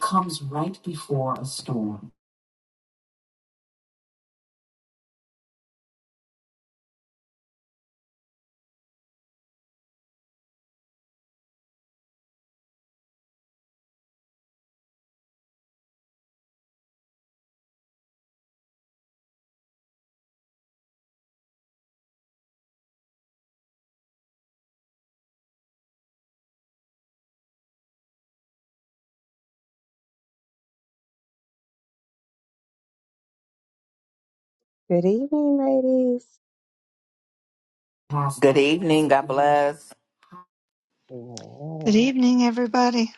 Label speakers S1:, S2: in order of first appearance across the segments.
S1: comes right before a storm.
S2: Good evening, ladies.
S1: Past Good evening. God bless.
S3: Good
S2: Amen.
S3: evening, everybody.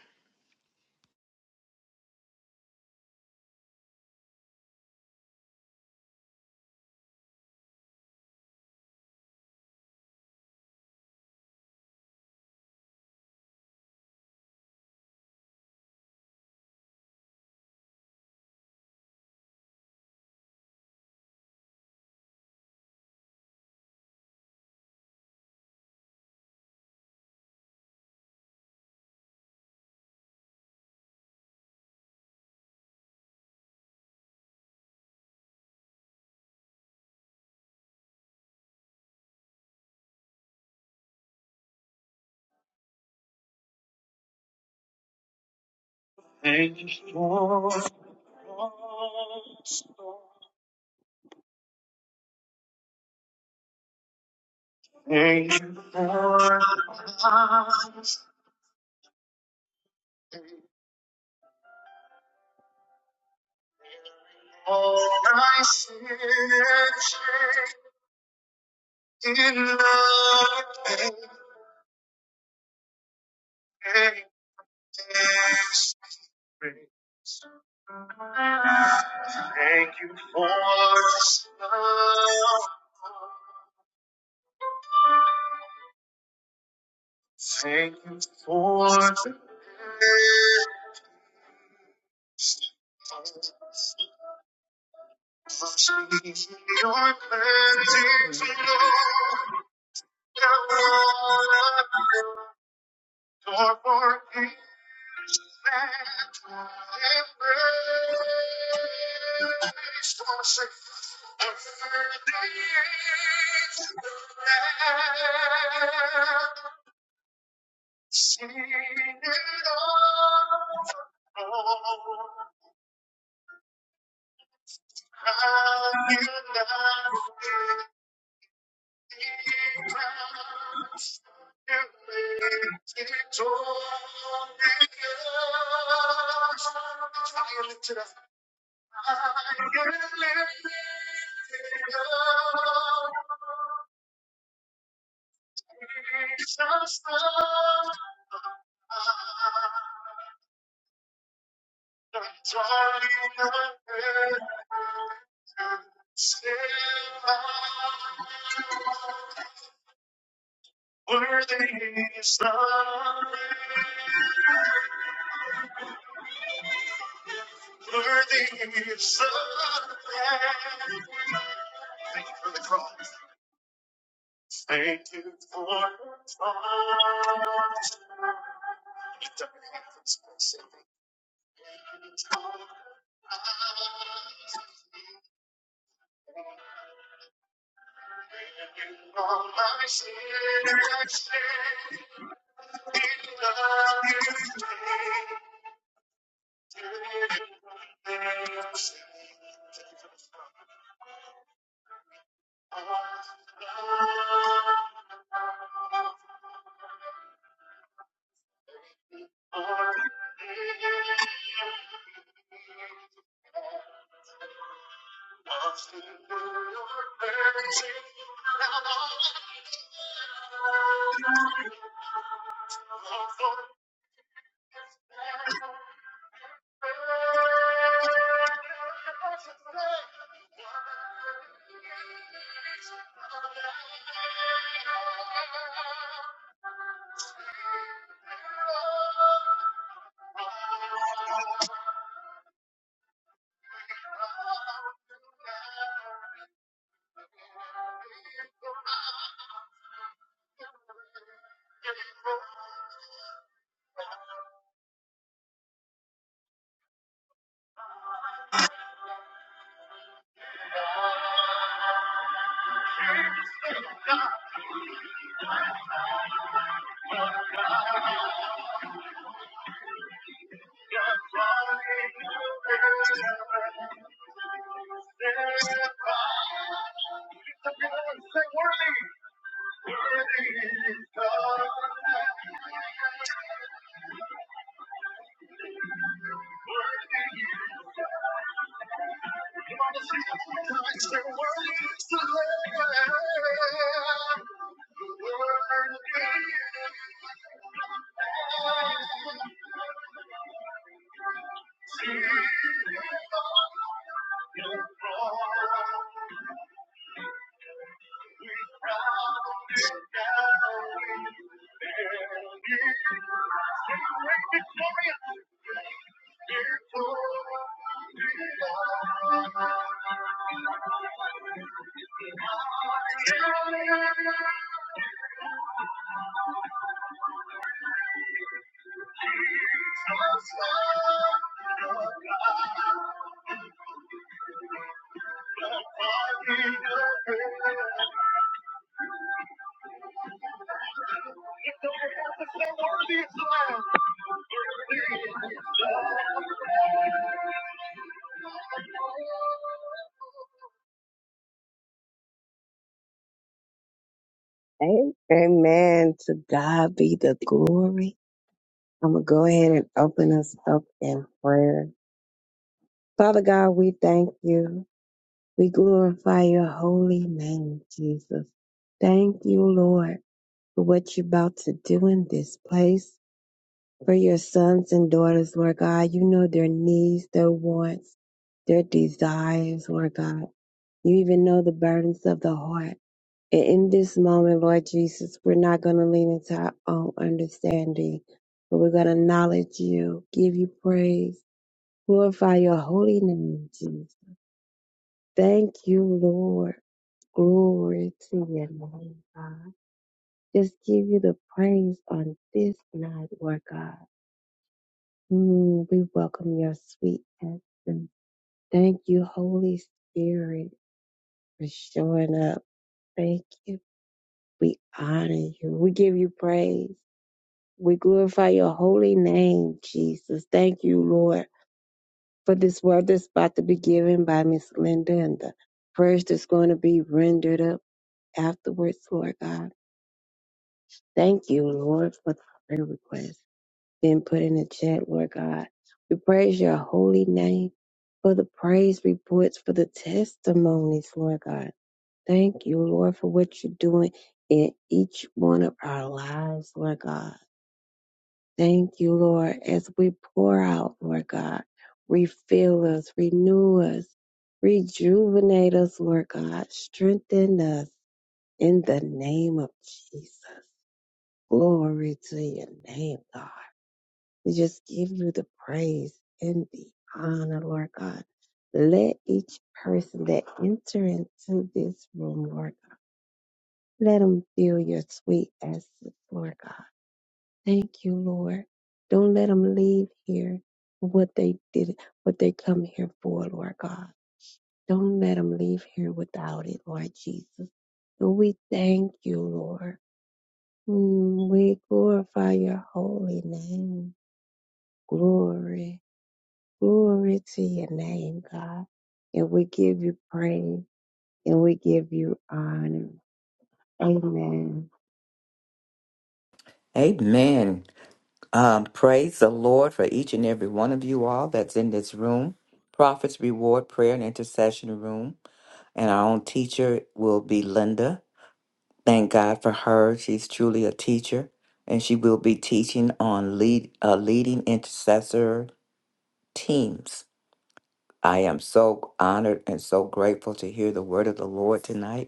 S2: Amen. To God be the glory. I'm going to go ahead and open us up in prayer. Father God, we thank you. We glorify your holy name, Jesus. Thank you, Lord, for what you're about to do in this place. For your sons and daughters, Lord God, you know their needs, their wants, their desires, Lord God. You even know the burdens of the heart. And in this moment, Lord Jesus, we're not going to lean into our own understanding, but we're going to acknowledge you, give you praise, glorify your holy name, Jesus. Thank you, Lord. Glory to your name, God. Just give you the praise on this night, Lord God. Mm, we welcome your sweet presence. Thank you, Holy Spirit, for showing up. Thank you. We honor you. We give you praise. We glorify your holy name, Jesus. Thank you, Lord, for this word that's about to be given by Miss Linda and the prayers that's going to be rendered up afterwards, Lord God. Thank you, Lord, for the prayer request being put in the chat, Lord God. We praise your holy name for the praise reports, for the testimonies, Lord God. Thank you, Lord, for what you're doing in each one of our lives, Lord God. Thank you, Lord, as we pour out, Lord God. Refill us, renew us, rejuvenate us, Lord God. Strengthen us in the name of Jesus. Glory to your name, God. We just give you the praise and the honor, Lord God. Let each person that enter into this room, Lord, let them feel your sweet essence, Lord God. Thank you, Lord. Don't let them leave here what they did, what they come here for, Lord God. Don't let them leave here without it, Lord Jesus. And we thank you, Lord. Mm, we glorify your holy name. Glory, glory to your name, God. And we give you praise and we give you honor. Amen.
S1: Amen. Um, praise the Lord for each and every one of you all that's in this room. Prophet's Reward Prayer and Intercession Room. And our own teacher will be Linda. Thank God for her. She's truly a teacher. And she will be teaching on lead uh, leading intercessor teams. I am so honored and so grateful to hear the word of the Lord tonight.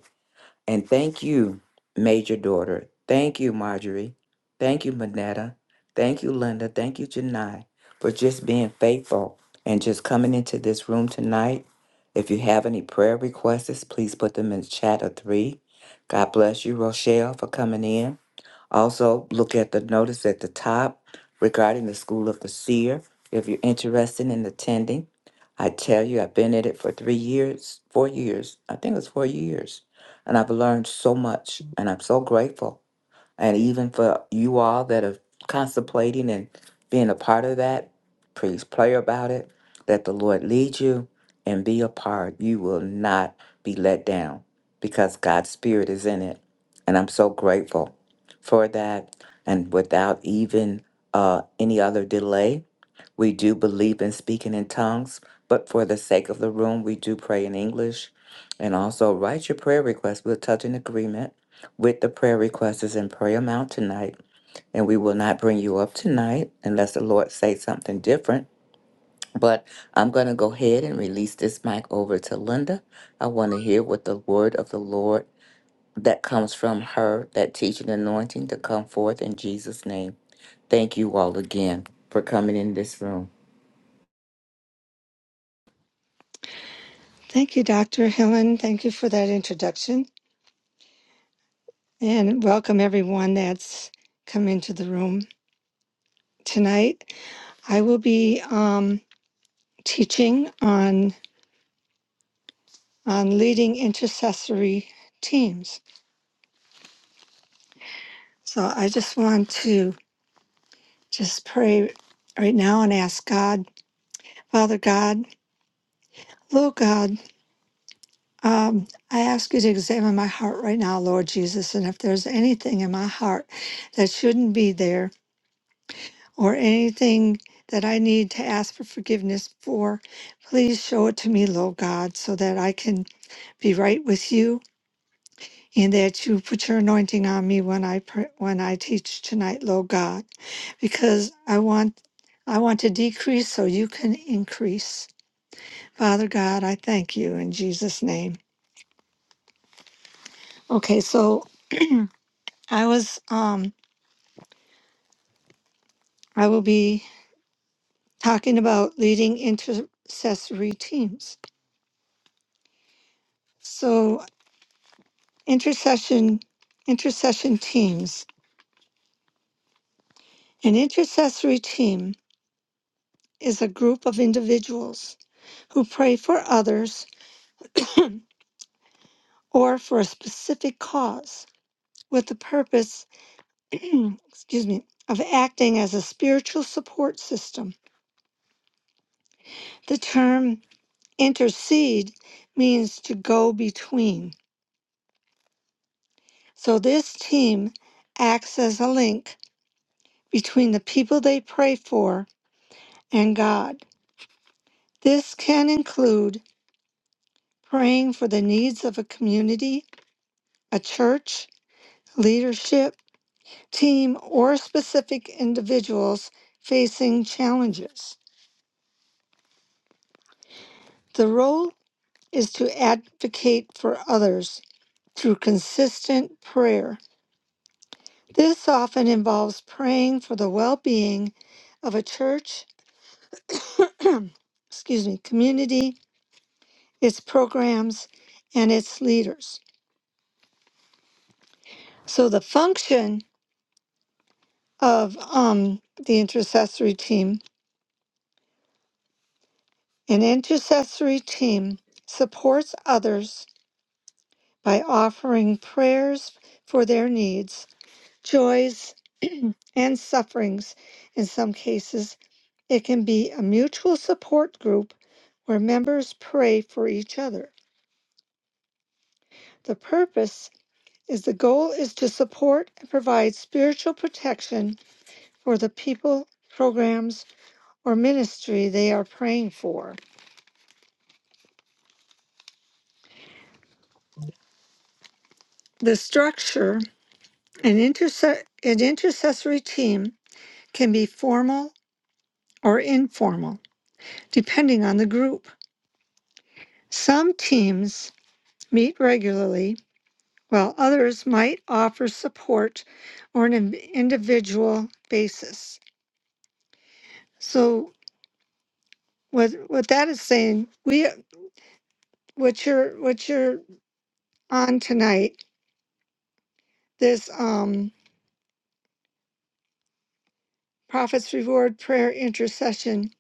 S1: And thank you, Major Daughter. Thank you, Marjorie. Thank you, Manetta. Thank you, Linda. Thank you, Janai, for just being faithful and just coming into this room tonight. If you have any prayer requests, please put them in the chat of three. God bless you, Rochelle, for coming in. Also, look at the notice at the top regarding the School of the Seer if you're interested in attending. I tell you, I've been at it for three years, four years. I think it was four years. And I've learned so much, and I'm so grateful. And even for you all that are contemplating and being a part of that, please pray about it. Let the Lord lead you and be a part. You will not be let down because God's Spirit is in it. And I'm so grateful for that. And without even uh, any other delay, we do believe in speaking in tongues, but for the sake of the room, we do pray in English. And also write your prayer request. We'll touch in agreement with the prayer requesters and pray them out tonight. And we will not bring you up tonight unless the Lord say something different. But I'm going to go ahead and release this mic over to Linda. I want to hear what the word of the Lord that comes from her, that teaching anointing to come forth in Jesus' name. Thank you all again for coming in this room.
S3: Thank you, Dr. Helen. Thank you for that introduction and welcome everyone that's come into the room tonight. I will be um, teaching on on leading intercessory teams. So I just want to just pray right now and ask God, Father God, Lord God, um, I ask you to examine my heart right now, Lord Jesus, and if there's anything in my heart that shouldn't be there or anything that I need to ask for forgiveness for, please show it to me, Lord God, so that I can be right with you and that you put your anointing on me when I pray, when I teach tonight, Lord God, because I want I want to decrease so you can increase. Father God, I thank you in Jesus name. Okay, so I was um I will be talking about leading intercessory teams. So Intercession intercession teams. An intercessory team is a group of individuals who pray for others or for a specific cause with the purpose excuse me of acting as a spiritual support system. The term intercede means to go between. So this team acts as a link between the people they pray for and God. This can include praying for the needs of a community, a church, leadership, team, or specific individuals facing challenges. The role is to advocate for others through consistent prayer. This often involves praying for the well being of a church, excuse me, community, its programs, and its leaders. So the function of um, the intercessory team An intercessory team supports others by offering prayers for their needs, joys, and sufferings. In some cases, it can be a mutual support group where members pray for each other. The purpose is the goal is to support and provide spiritual protection for the people, programs, or ministry they are praying for. The structure, an, interse- an intercessory team can be formal or informal, depending on the group. Some teams meet regularly, while others might offer support on an individual basis. So, what what that is saying, we what you're what you're on tonight, this um, Prophets Reward Prayer Intercession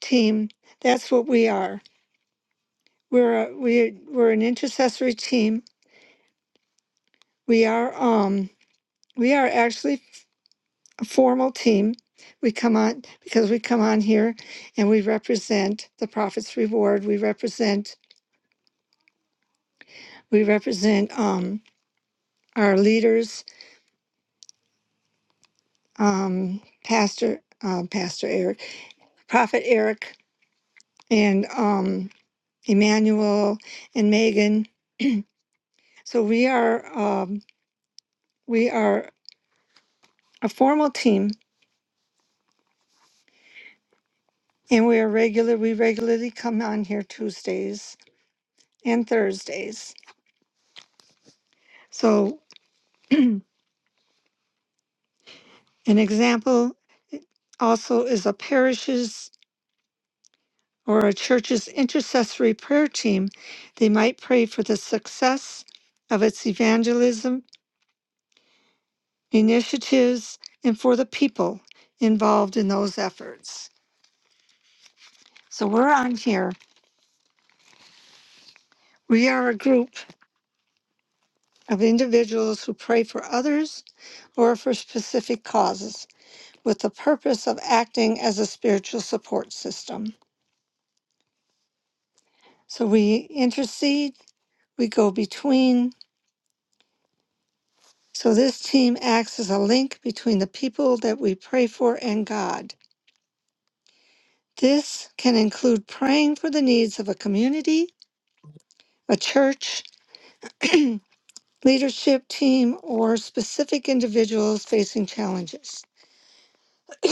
S3: team. That's what we are. We're a, we we're an intercessory team. We are um we are actually a formal team. We come on because we come on here and we represent the Prophet's Reward. We represent we represent um, our leaders, um, Pastor um, Pastor Eric, Prophet Eric, and um, Emmanuel and Megan. So we are um, we are a formal team, and we are regular. We regularly come on here Tuesdays and Thursdays. So An example eh, also is a parish's or a church's intercessory prayer team. They might pray for the success of its evangelism initiatives and for the people involved in those efforts. So we're on here. We are a group of individuals who pray for others or for specific causes with the purpose of acting as a spiritual support system. So we intercede, we go between, So this team acts as a link between the people that we pray for and God. This can include praying for the needs of a community, a church, leadership team, or specific individuals facing challenges.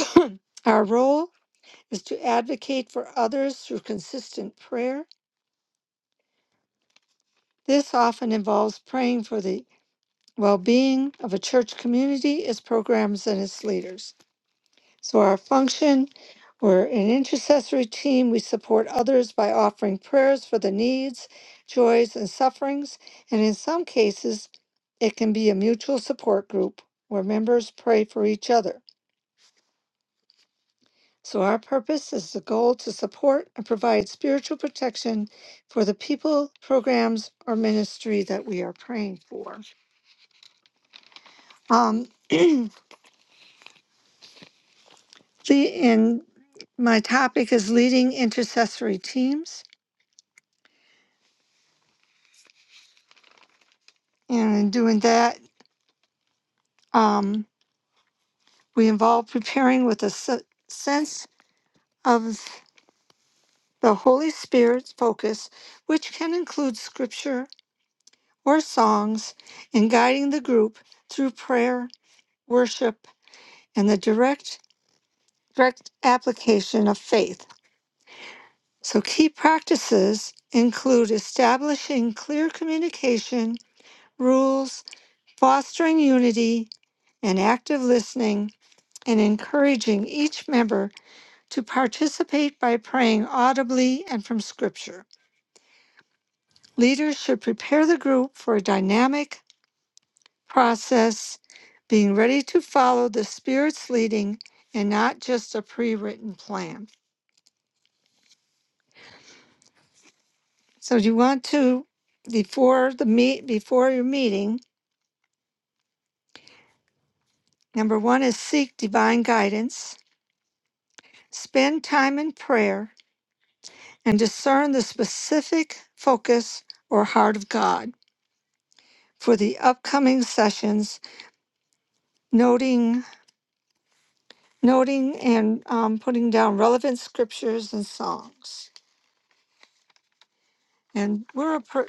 S3: Our role is to advocate for others through consistent prayer. This often involves praying for the well being of a church community, its programs, and its leaders. So, our function we're an intercessory team. We support others by offering prayers for the needs, joys, and sufferings. And in some cases, it can be a mutual support group where members pray for each other. So, our purpose is the goal to support and provide spiritual protection for the people, programs, or ministry that we are praying for. Um, the, and my topic is leading intercessory teams. And in doing that, Um, we involve preparing with a s- sense of the Holy Spirit's focus, which can include scripture or songs, in guiding the group through prayer, worship, and the direct, direct application of faith. So, key practices include establishing clear communication rules, fostering unity and active listening, and encouraging each member to participate by praying audibly and from Scripture. Leaders should prepare the group for a dynamic process, being ready to follow the Spirit's leading and not just a pre written plan. So, you want to, before the meet, before your meeting, number one is seek divine guidance, spend time in prayer, and discern the specific focus or heart of God for the upcoming sessions, noting noting and um, putting down relevant scriptures and songs. And we're a, per-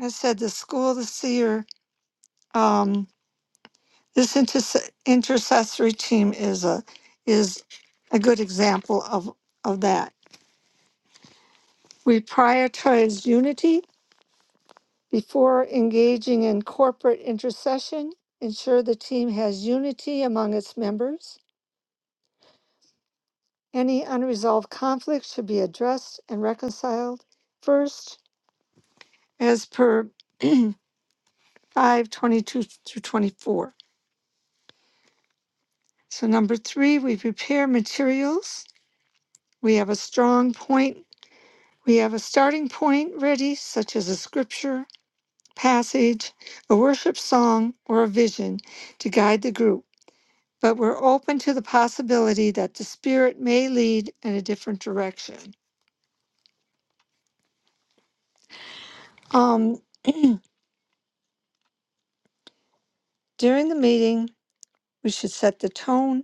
S3: I said, the school of the seer. Um, this interse- intercessory team is a is a good example of of that. We prioritize unity before engaging in corporate intercession. Ensure the team has unity among its members. Any unresolved conflict should be addressed and reconciled first, as per 5 22 through 24. So number three, we prepare materials. We have a strong point. We have a starting point ready, such as a scripture, passage, a worship song, or a vision to guide the group. But we're open to the possibility that the Spirit may lead in a different direction. Um, during the meeting, we should set the tone.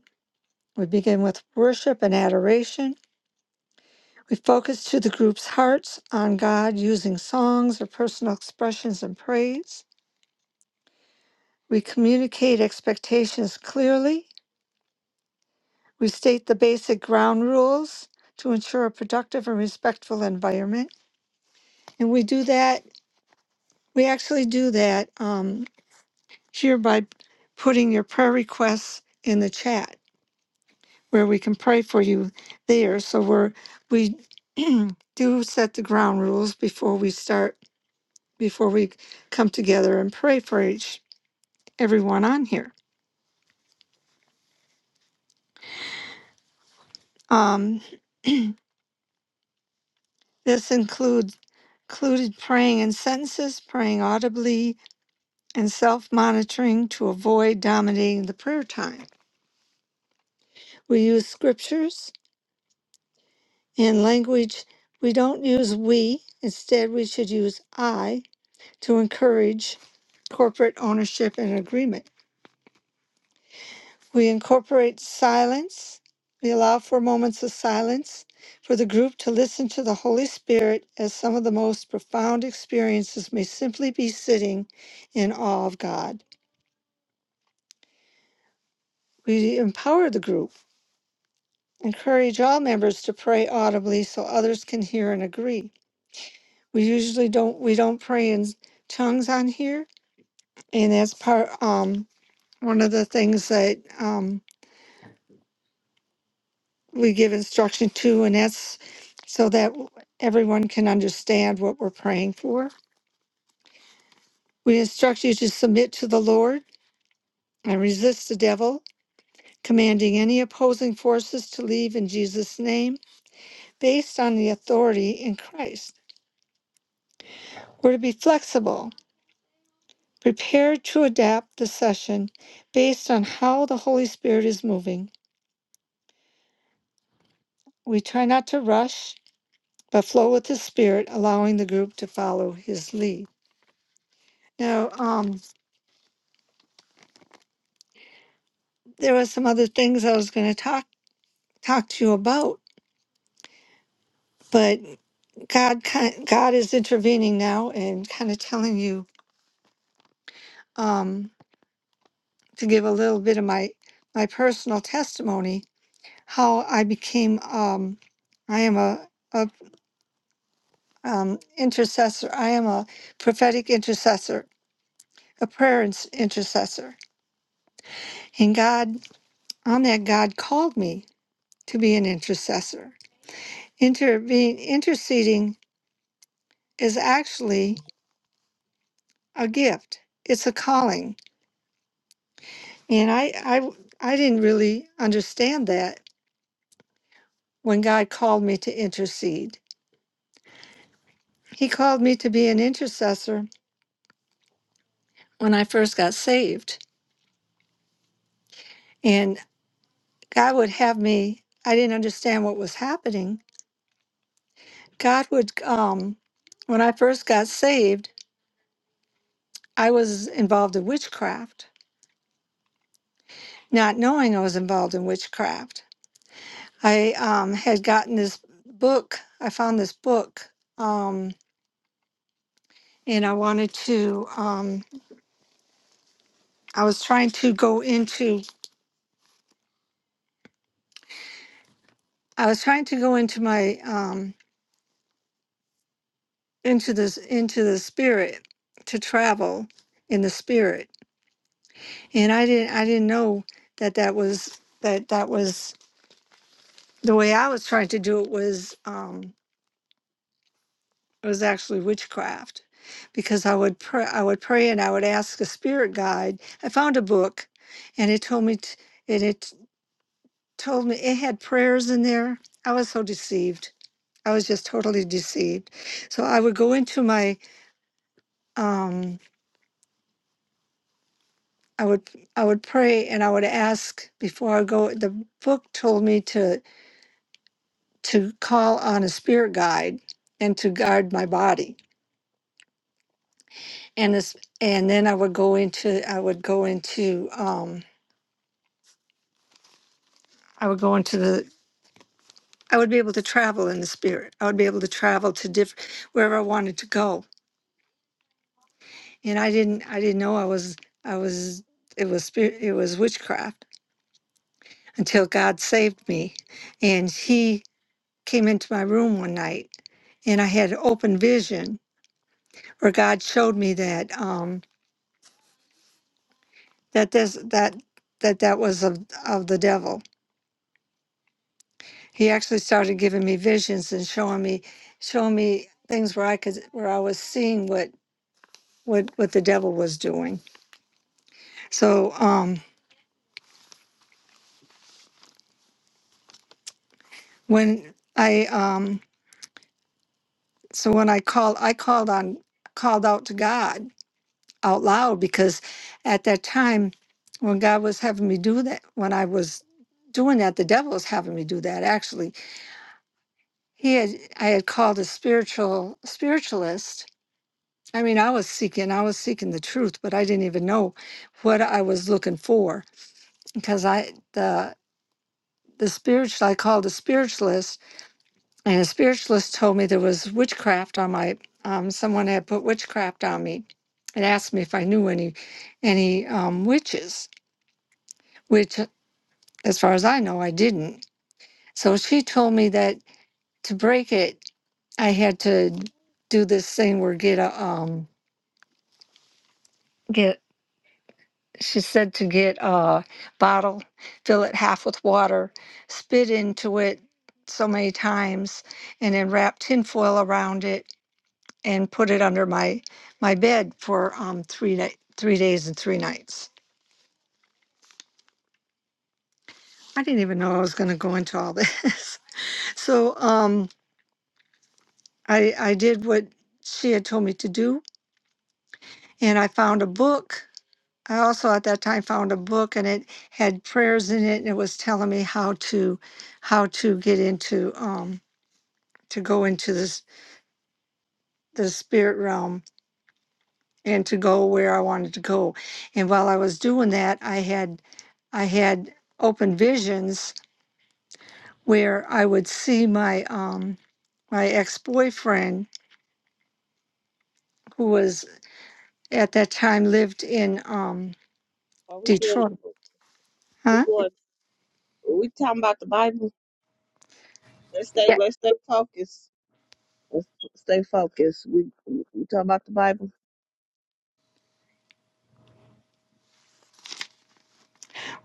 S3: We begin with worship and adoration. We focus to the group's hearts on God using songs or personal expressions and praise. We communicate expectations clearly. We state the basic ground rules to ensure a productive and respectful environment. And we do that, we actually do that um, here by putting your prayer requests in the chat where we can pray for you there. So we're, we do set the ground rules before we start before we come together and pray for each everyone on here. Um, this includes included praying in sentences, praying audibly, and self-monitoring to avoid dominating the prayer time. We use scriptures and language. We don't use we. Instead, we should use I to encourage corporate ownership and agreement. We incorporate silence. We allow for moments of silence for the group to listen to the Holy Spirit as some of the most profound experiences may simply be sitting in awe of God. We empower the group, encourage all members to pray audibly so others can hear and agree. We usually don't we don't pray in tongues on here, and that's part um one of the things that um we give instruction to, and that's so that everyone can understand what we're praying for. We instruct you to submit to the Lord and resist the devil, commanding any opposing forces to leave in Jesus' name, based on the authority in Christ. We're to be flexible, prepared to adapt the session based on how the Holy Spirit is moving. We try not to rush, but flow with the Spirit, allowing the group to follow His lead. Now, um, there were some other things I was going to talk talk to you about, but God ki- God is intervening now and kind of telling you um, to give a little bit of my my personal testimony how I became um, I am a, a um, intercessor. I am a prophetic intercessor, a prayer ins- intercessor, and God on that God called me to be an intercessor. Intervene interceding is actually a gift. It's a calling. And I, I, I didn't really understand that when God called me to intercede. He called me to be an intercessor when I first got saved. And God would have me, I didn't understand what was happening. God would, um, when I first got saved, I was involved in witchcraft, not knowing I was involved in witchcraft. I um, had gotten this book, I found this book. um. and I wanted to, um, I was trying to go into, I was trying to go into my, um, into this, into the spirit, to travel in the spirit. And I didn't, I didn't know that that was, that that was, the way I was trying to do it was, um, was actually witchcraft. Because I would pray, I would pray and I would ask a spirit guide. I found a book and it told me, t- and it told me, it had prayers in there. I was so deceived I was just totally deceived. So I would go into my um I would I would pray and I would ask before I go the book told me to to call on a spirit guide and to guard my body. And this and then I would go into I would go into um I would go into the I would be able to travel in the spirit. I would be able to travel to different wherever I wanted to go. And I didn't I didn't know I was I was it was spirit it was witchcraft until God saved me. And he came into my room one night and I had open vision where God showed me that um that this that that that was of, of the devil. He actually started giving me visions and showing me showing me things where I could where I was seeing what what what the devil was doing. So um when I um so when I called I called on called out to God out loud because at that time when God was having me do that, when I was doing that, the devil was having me do that actually. He had I had called a spiritual spiritualist. I mean, I was seeking, I was seeking the truth, but I didn't even know what I was looking for because I the the spiritual I called a spiritualist, and a spiritualist told me there was witchcraft on my um, someone had put witchcraft on me, and asked me if I knew any any um, witches which As far as I know, I didn't. So she told me that to break it, I had to do this thing where get a um get. She said to get a bottle, fill it half with water, spit into it so many times, and then wrap tinfoil around it and put it under my my bed for um three night three days and three nights. I didn't even know I was going to go into all this. So um I I did what she had told me to do and I found a book. I also at that time found a book and it had prayers in it and it was telling me how to how to get into um to go into this the spirit realm and to go where I wanted to go. And while I was doing that, I had I had open visions where I would see my um my ex-boyfriend who was at that time lived in um
S2: Are we good?
S3: Detroit.
S2: We
S3: Huh?
S2: going? We talking about the Bible? Let's stay.
S3: Yeah.
S2: Let's stay focused. Let's stay focused. We, we we talking about the Bible.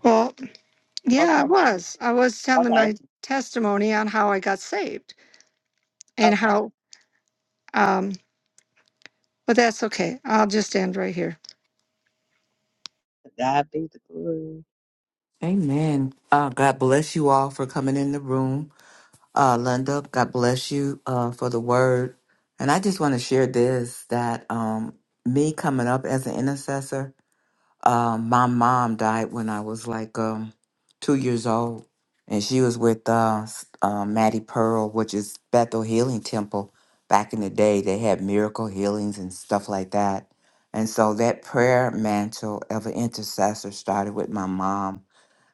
S3: Well, Yeah, I
S2: Okay,
S3: was. I was telling
S2: okay,
S3: my testimony on how I got saved and
S2: okay.
S3: how, um, but that's okay. I'll just end right here.
S2: To God be the glory.
S1: Amen. Uh, God bless you all for coming in the room. Uh, Linda, God bless you uh, for the word. And I just want to share this that um, me coming up as an intercessor, uh, my mom died when I was like um, two years old. And she was with uh, s- uh, Maddie Pearl, which is Bethel Healing Temple. Back in the day, they had miracle healings and stuff like that. And so that prayer mantle of an intercessor started with my mom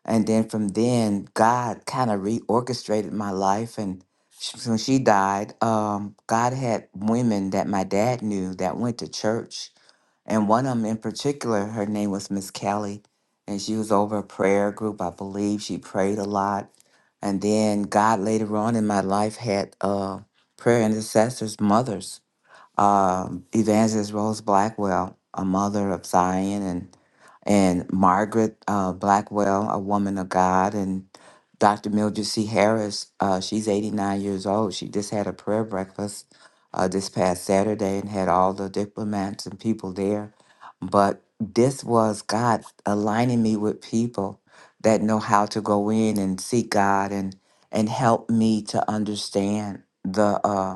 S1: and then from then, God kind of reorchestrated my life. And sh- when she died, um, God had women that my dad knew that went to church. And one of them in particular, her name was Miss Kelly. And she was over a prayer group, I believe. She prayed a lot. And then God later on in my life had uh, prayer intercessors, mothers um, Evangelist Rose Blackwell, a mother of Zion, and and Margaret uh, Blackwell, a woman of God, and Dr. Mildred C. Harris. Uh, she's 89 years old. She just had a prayer breakfast uh, this past Saturday and had all the diplomats and people there. But this was God aligning me with people that know how to go in and seek God and and help me to understand the uh,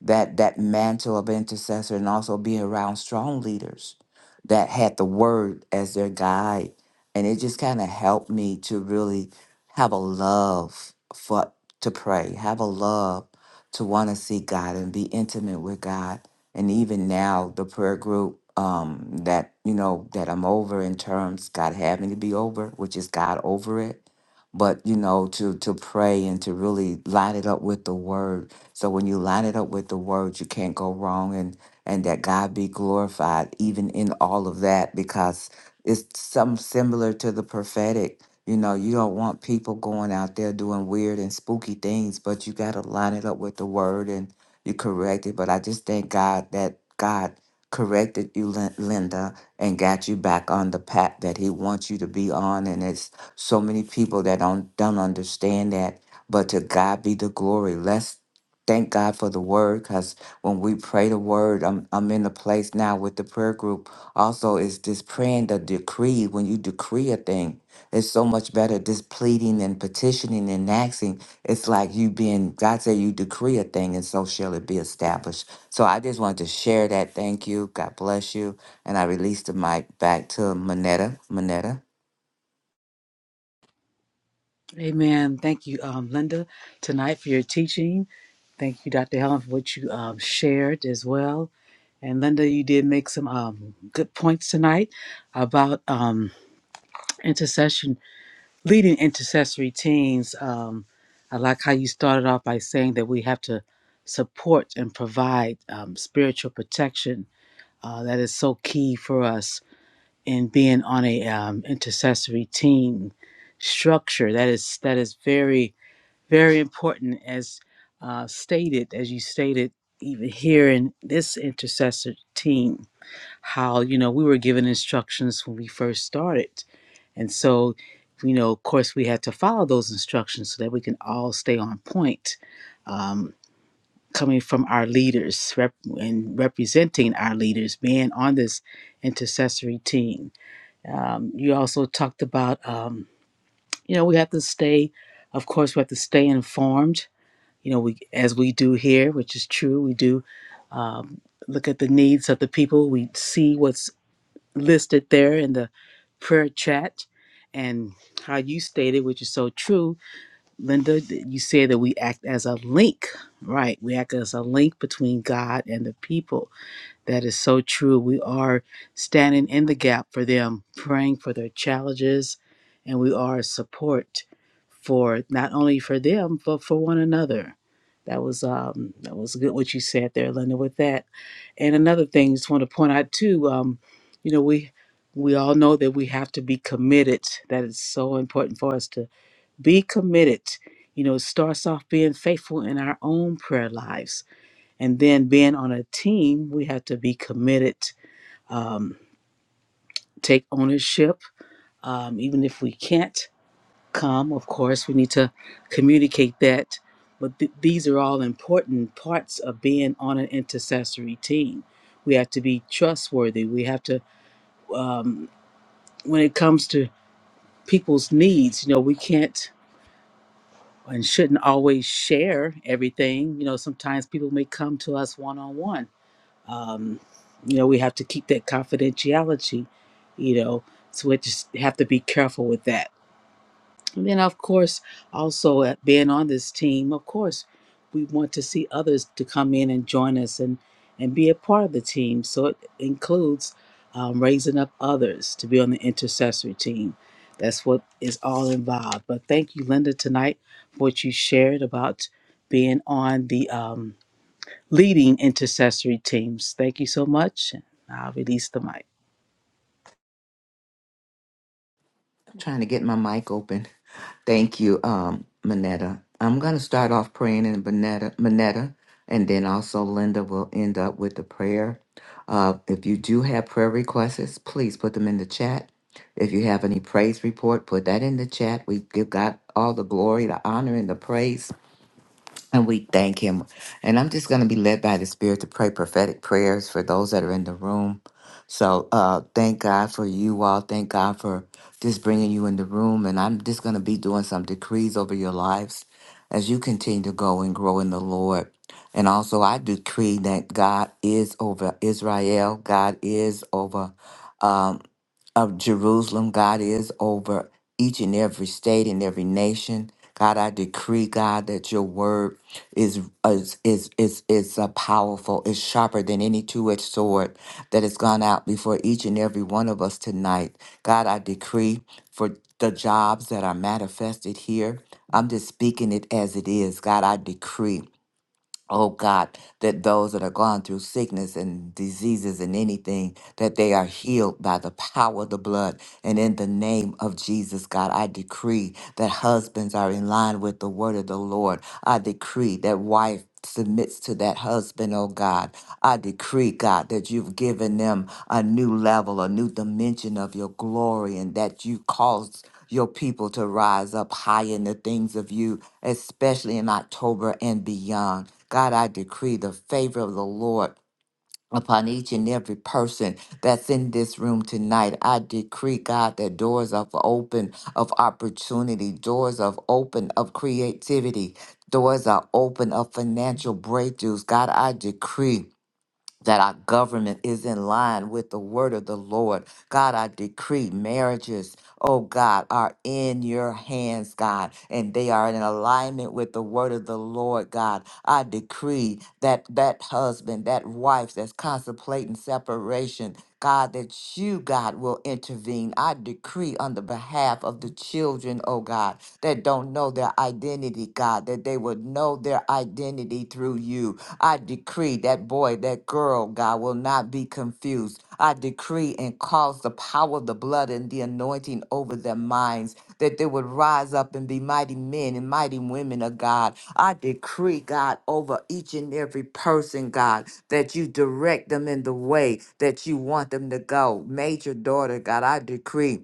S1: that that mantle of intercessor and also being around strong leaders that had the word as their guide and it just kind of helped me to really have a love for to pray have a love to want to see god and be intimate with god and even now the prayer group um that you know that i'm over in terms god had me to be over which is god over it but you know to to pray and to really line it up with the word so when you line it up with the word, you can't go wrong and and that God be glorified even in all of that because it's something similar to the prophetic. You know, you don't want people going out there doing weird and spooky things, but you got to line it up with the word and you correct it. But I just thank God that God corrected you, Lin- Linda, and got you back on the path that He wants you to be on. And it's so many people that don't don't understand that. But to God be the glory. Let's Thank God for the word because when we pray the word, I'm, I'm in a place now with the prayer group. Also, is this praying the decree. When you decree a thing, it's so much better. This pleading and petitioning and asking, it's like you being, God said, you decree a thing and so shall it be established. So I just wanted to share that. Thank you. God bless you. And I released the mic back to Manetta. Manetta,
S4: Amen. Thank you, um, Linda, tonight for your teaching. Thank you, Dr. Helen, for what you um, shared as well. And Linda, you did make some um, good points tonight about um, intercession, leading intercessory teams. Um, I like how you started off by saying that we have to support and provide um, spiritual protection. Uh, that is so key for us in being on a um, intercessory team structure. That is that is very very important as uh, stated as you stated even here in this intercessor team how you know we were given instructions when we first started and so you know of course we had to follow those instructions so that we can all stay on point um, coming from our leaders rep- and representing our leaders being on this intercessory team um, you also talked about um, you know we have to stay of course we have to stay informed you know, we as we do here, which is true, we do um, look at the needs of the people. We see what's listed there in the prayer chat, and how you stated, which is so true, Linda. that You said that we act as a link, right? We act as a link between God and the people that is so true. We are standing in the gap for them, praying for their challenges, and we are a support for not only for them but for one another. That was um, that was good what you said there, Linda. With that, and another thing, just want to point out too. Um, you know, we we all know that we have to be committed. That is so important for us to be committed. You know, it starts off being faithful in our own prayer lives and then being on a team, we have to be committed, um, take ownership. Um, even if we can't come, of course, we need to communicate that. But th- these are all important parts of being on an intercessory team. We have to be trustworthy. We have to, um, when it comes to people's needs, you know, we can't and shouldn't always share everything. You know, sometimes people may come to us one on one um, you know we have to keep that confidentiality you know so we just have to be careful with that and then of course also uh, being on this team of course we want to see others to come in and join us and and be a part of the team so it includes um, raising up others to be on the intercessory team that's what is all involved but thank you linda tonight for what you shared about being on the um, leading intercessory teams. Thank you so much. and I'll release the mic.
S1: I'm trying to get my mic open. Thank you, um, Manetta. I'm going to start off praying in Manetta, Manetta, and then also Linda will end up with the prayer. Uh, if you do have prayer requests, please put them in the chat. If you have any praise report, put that in the chat. We give God all the glory, the honor, and the praise. And we thank him. And I'm just going to be led by the Spirit to pray prophetic prayers for those that are in the room. So uh, thank God for you all. Thank God for just bringing you in the room. And I'm just going to be doing some decrees over your lives as you continue to go and grow in the Lord. And also, I decree that God is over Israel, God is over. um, of Jerusalem. God is over each and every state and every nation. God, I decree, God, that your word is is is is, is uh, powerful, is sharper than any two-edged sword that has gone out before each and every one of us tonight. God, I decree for the jobs that are manifested here. I'm just speaking it as it is. God, I decree. Oh God, that those that are gone through sickness and diseases and anything, that they are healed by the power of the blood. And in the name of Jesus, God, I decree that husbands are in line with the word of the Lord. I decree that wife submits to that husband, oh God. I decree, God, that you've given them a new level, a new dimension of your glory, and that you caused your people to rise up high in the things of you, especially in October and beyond. God, I decree the favor of the Lord. Upon each and every person that's in this room tonight, I decree, God, that doors of open of opportunity, doors of open of creativity, doors are open of financial breakthroughs. God, I decree that our government is in line with the word of the Lord. God, I decree marriages, oh God, are in your hands, God, and they are in alignment with the word of the Lord, God. I decree that that husband, that wife that's contemplating separation, God, that you, God, will intervene. I decree on the behalf of the children, oh God, that don't know their identity, God. God, that they would know their identity through you. I decree that boy, that girl, God, will not be confused. I decree and cause the power of the blood and the anointing over their minds, that they would rise up and be mighty men and mighty women of God. I decree, God, over each and every person, God, that you direct them in the way that you want them to go. Major daughter, God, I decree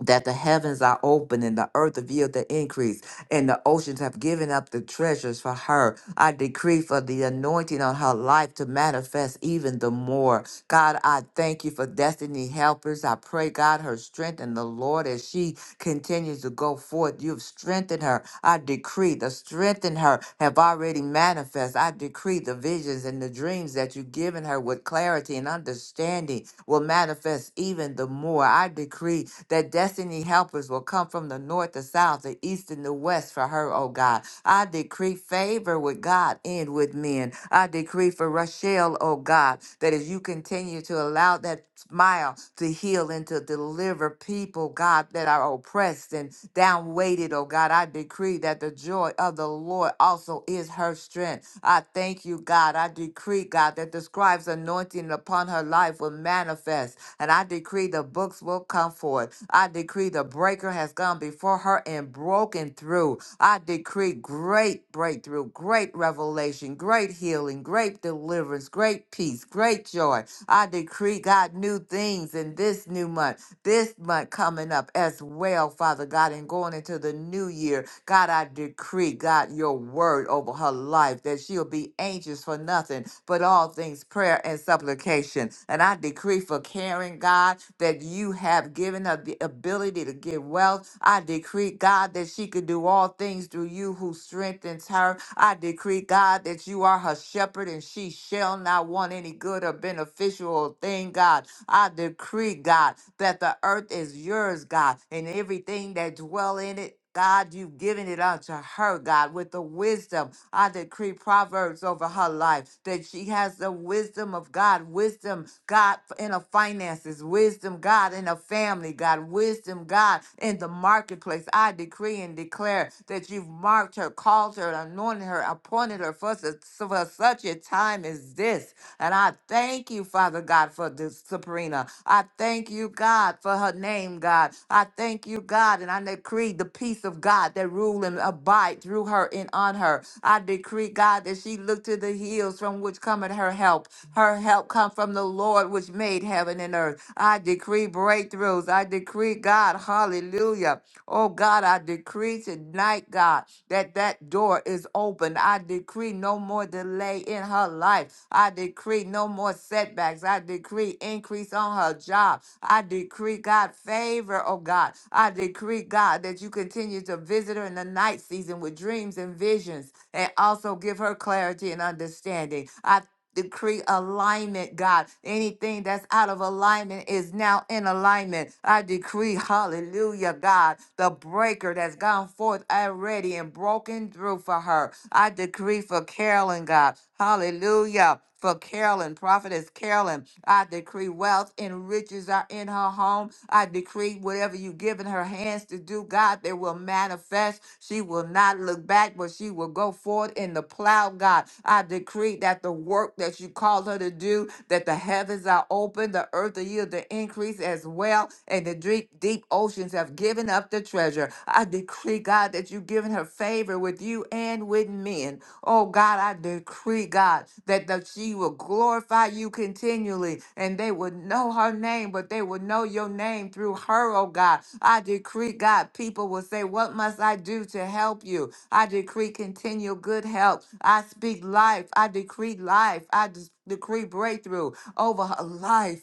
S1: that the heavens are open and the earth yield the increase, and the oceans have given up the treasures for her. I decree for the anointing on her life to manifest even the more. God, I thank you for destiny helpers. I pray, God, her strength in the Lord as she continues to go forth. You've strengthened her. I decree the strength in her have already manifest. I decree the visions and the dreams that you've given her with clarity and understanding will manifest even the more. I decree that destiny helpers will come from the north, the south, the east, and the west for her, oh God. I decree favor with God and with men. I decree for Rochelle, oh God, that as you continue to allow that smile to heal and to deliver people, God, that are oppressed and down weighted, oh God, I decree that the joy of the Lord also is her strength. I thank you, God. I decree, God, that the scribe's anointing upon her life will manifest. And I decree the books will come forth forth. I decree the breaker has gone before her and broken through. I decree great breakthrough, great revelation, great healing, great deliverance, great peace, great joy. I decree, God, new things in this new month, this month coming up as well, Father God, and going into the new year. God, I decree, God, your word over her life that she'll be anxious for nothing but all things prayer and supplication. And I decree for Karen, God, that you have have given her the ability to give wealth. I decree, God, that she could do all things through you who strengthens her. I decree, God, that you are her shepherd and she shall not want any good or beneficial thing, God. I decree, God, that the earth is yours, God, and everything that dwell in it God, you've given it unto her, God, with the wisdom. I decree proverbs over her life that she has the wisdom of God, wisdom, God, in her finances, wisdom, God, in her family, God, wisdom, God, in the marketplace. I decree and declare that you've marked her, called her, anointed her, appointed her for, su- for such a time as this. And I thank you, Father God, for this, Sabrina. I thank you you, God, for her name, God. I thank you, God, and I decree the peace of God that rule and abide through her and on her. I decree, God, that she look to the hills from which cometh her help. Her help come from the Lord which made heaven and earth. I decree breakthroughs. I decree, God, hallelujah. Oh, God, I decree tonight, God, that that door is open. I decree no more delay in her life. I decree decree no more setbacks. I decree increase on her job. I decree, God, favor, oh God. I decree, God, that you continue to visit her in the night season with dreams and visions and also give her clarity and understanding. I decree alignment, God. Anything that's out of alignment is now in alignment. I decree, hallelujah, God, the breaker that's gone forth already and broken through for her. I decree for Carolyn, God. Hallelujah. For Carolyn, prophetess Carolyn, I decree wealth and riches are in her home. I decree whatever you've given her hands to do, God, they will manifest. She will not look back, but she will go forward in the plow, God. I decree that the work that you called her to do, that the heavens are open, the earth will yield the increase as well, and the deep, deep oceans have given giving up the treasure. I decree, God, that you've given her favor with you and with men. Oh, God, I decree, God, that the, she will glorify you continually and they would know her name, but they would know your name through her, oh, God. I decree, God, people will say, What must I do to help you? I decree continual good help. I speak life. I decree life. I des- decree breakthrough over her life.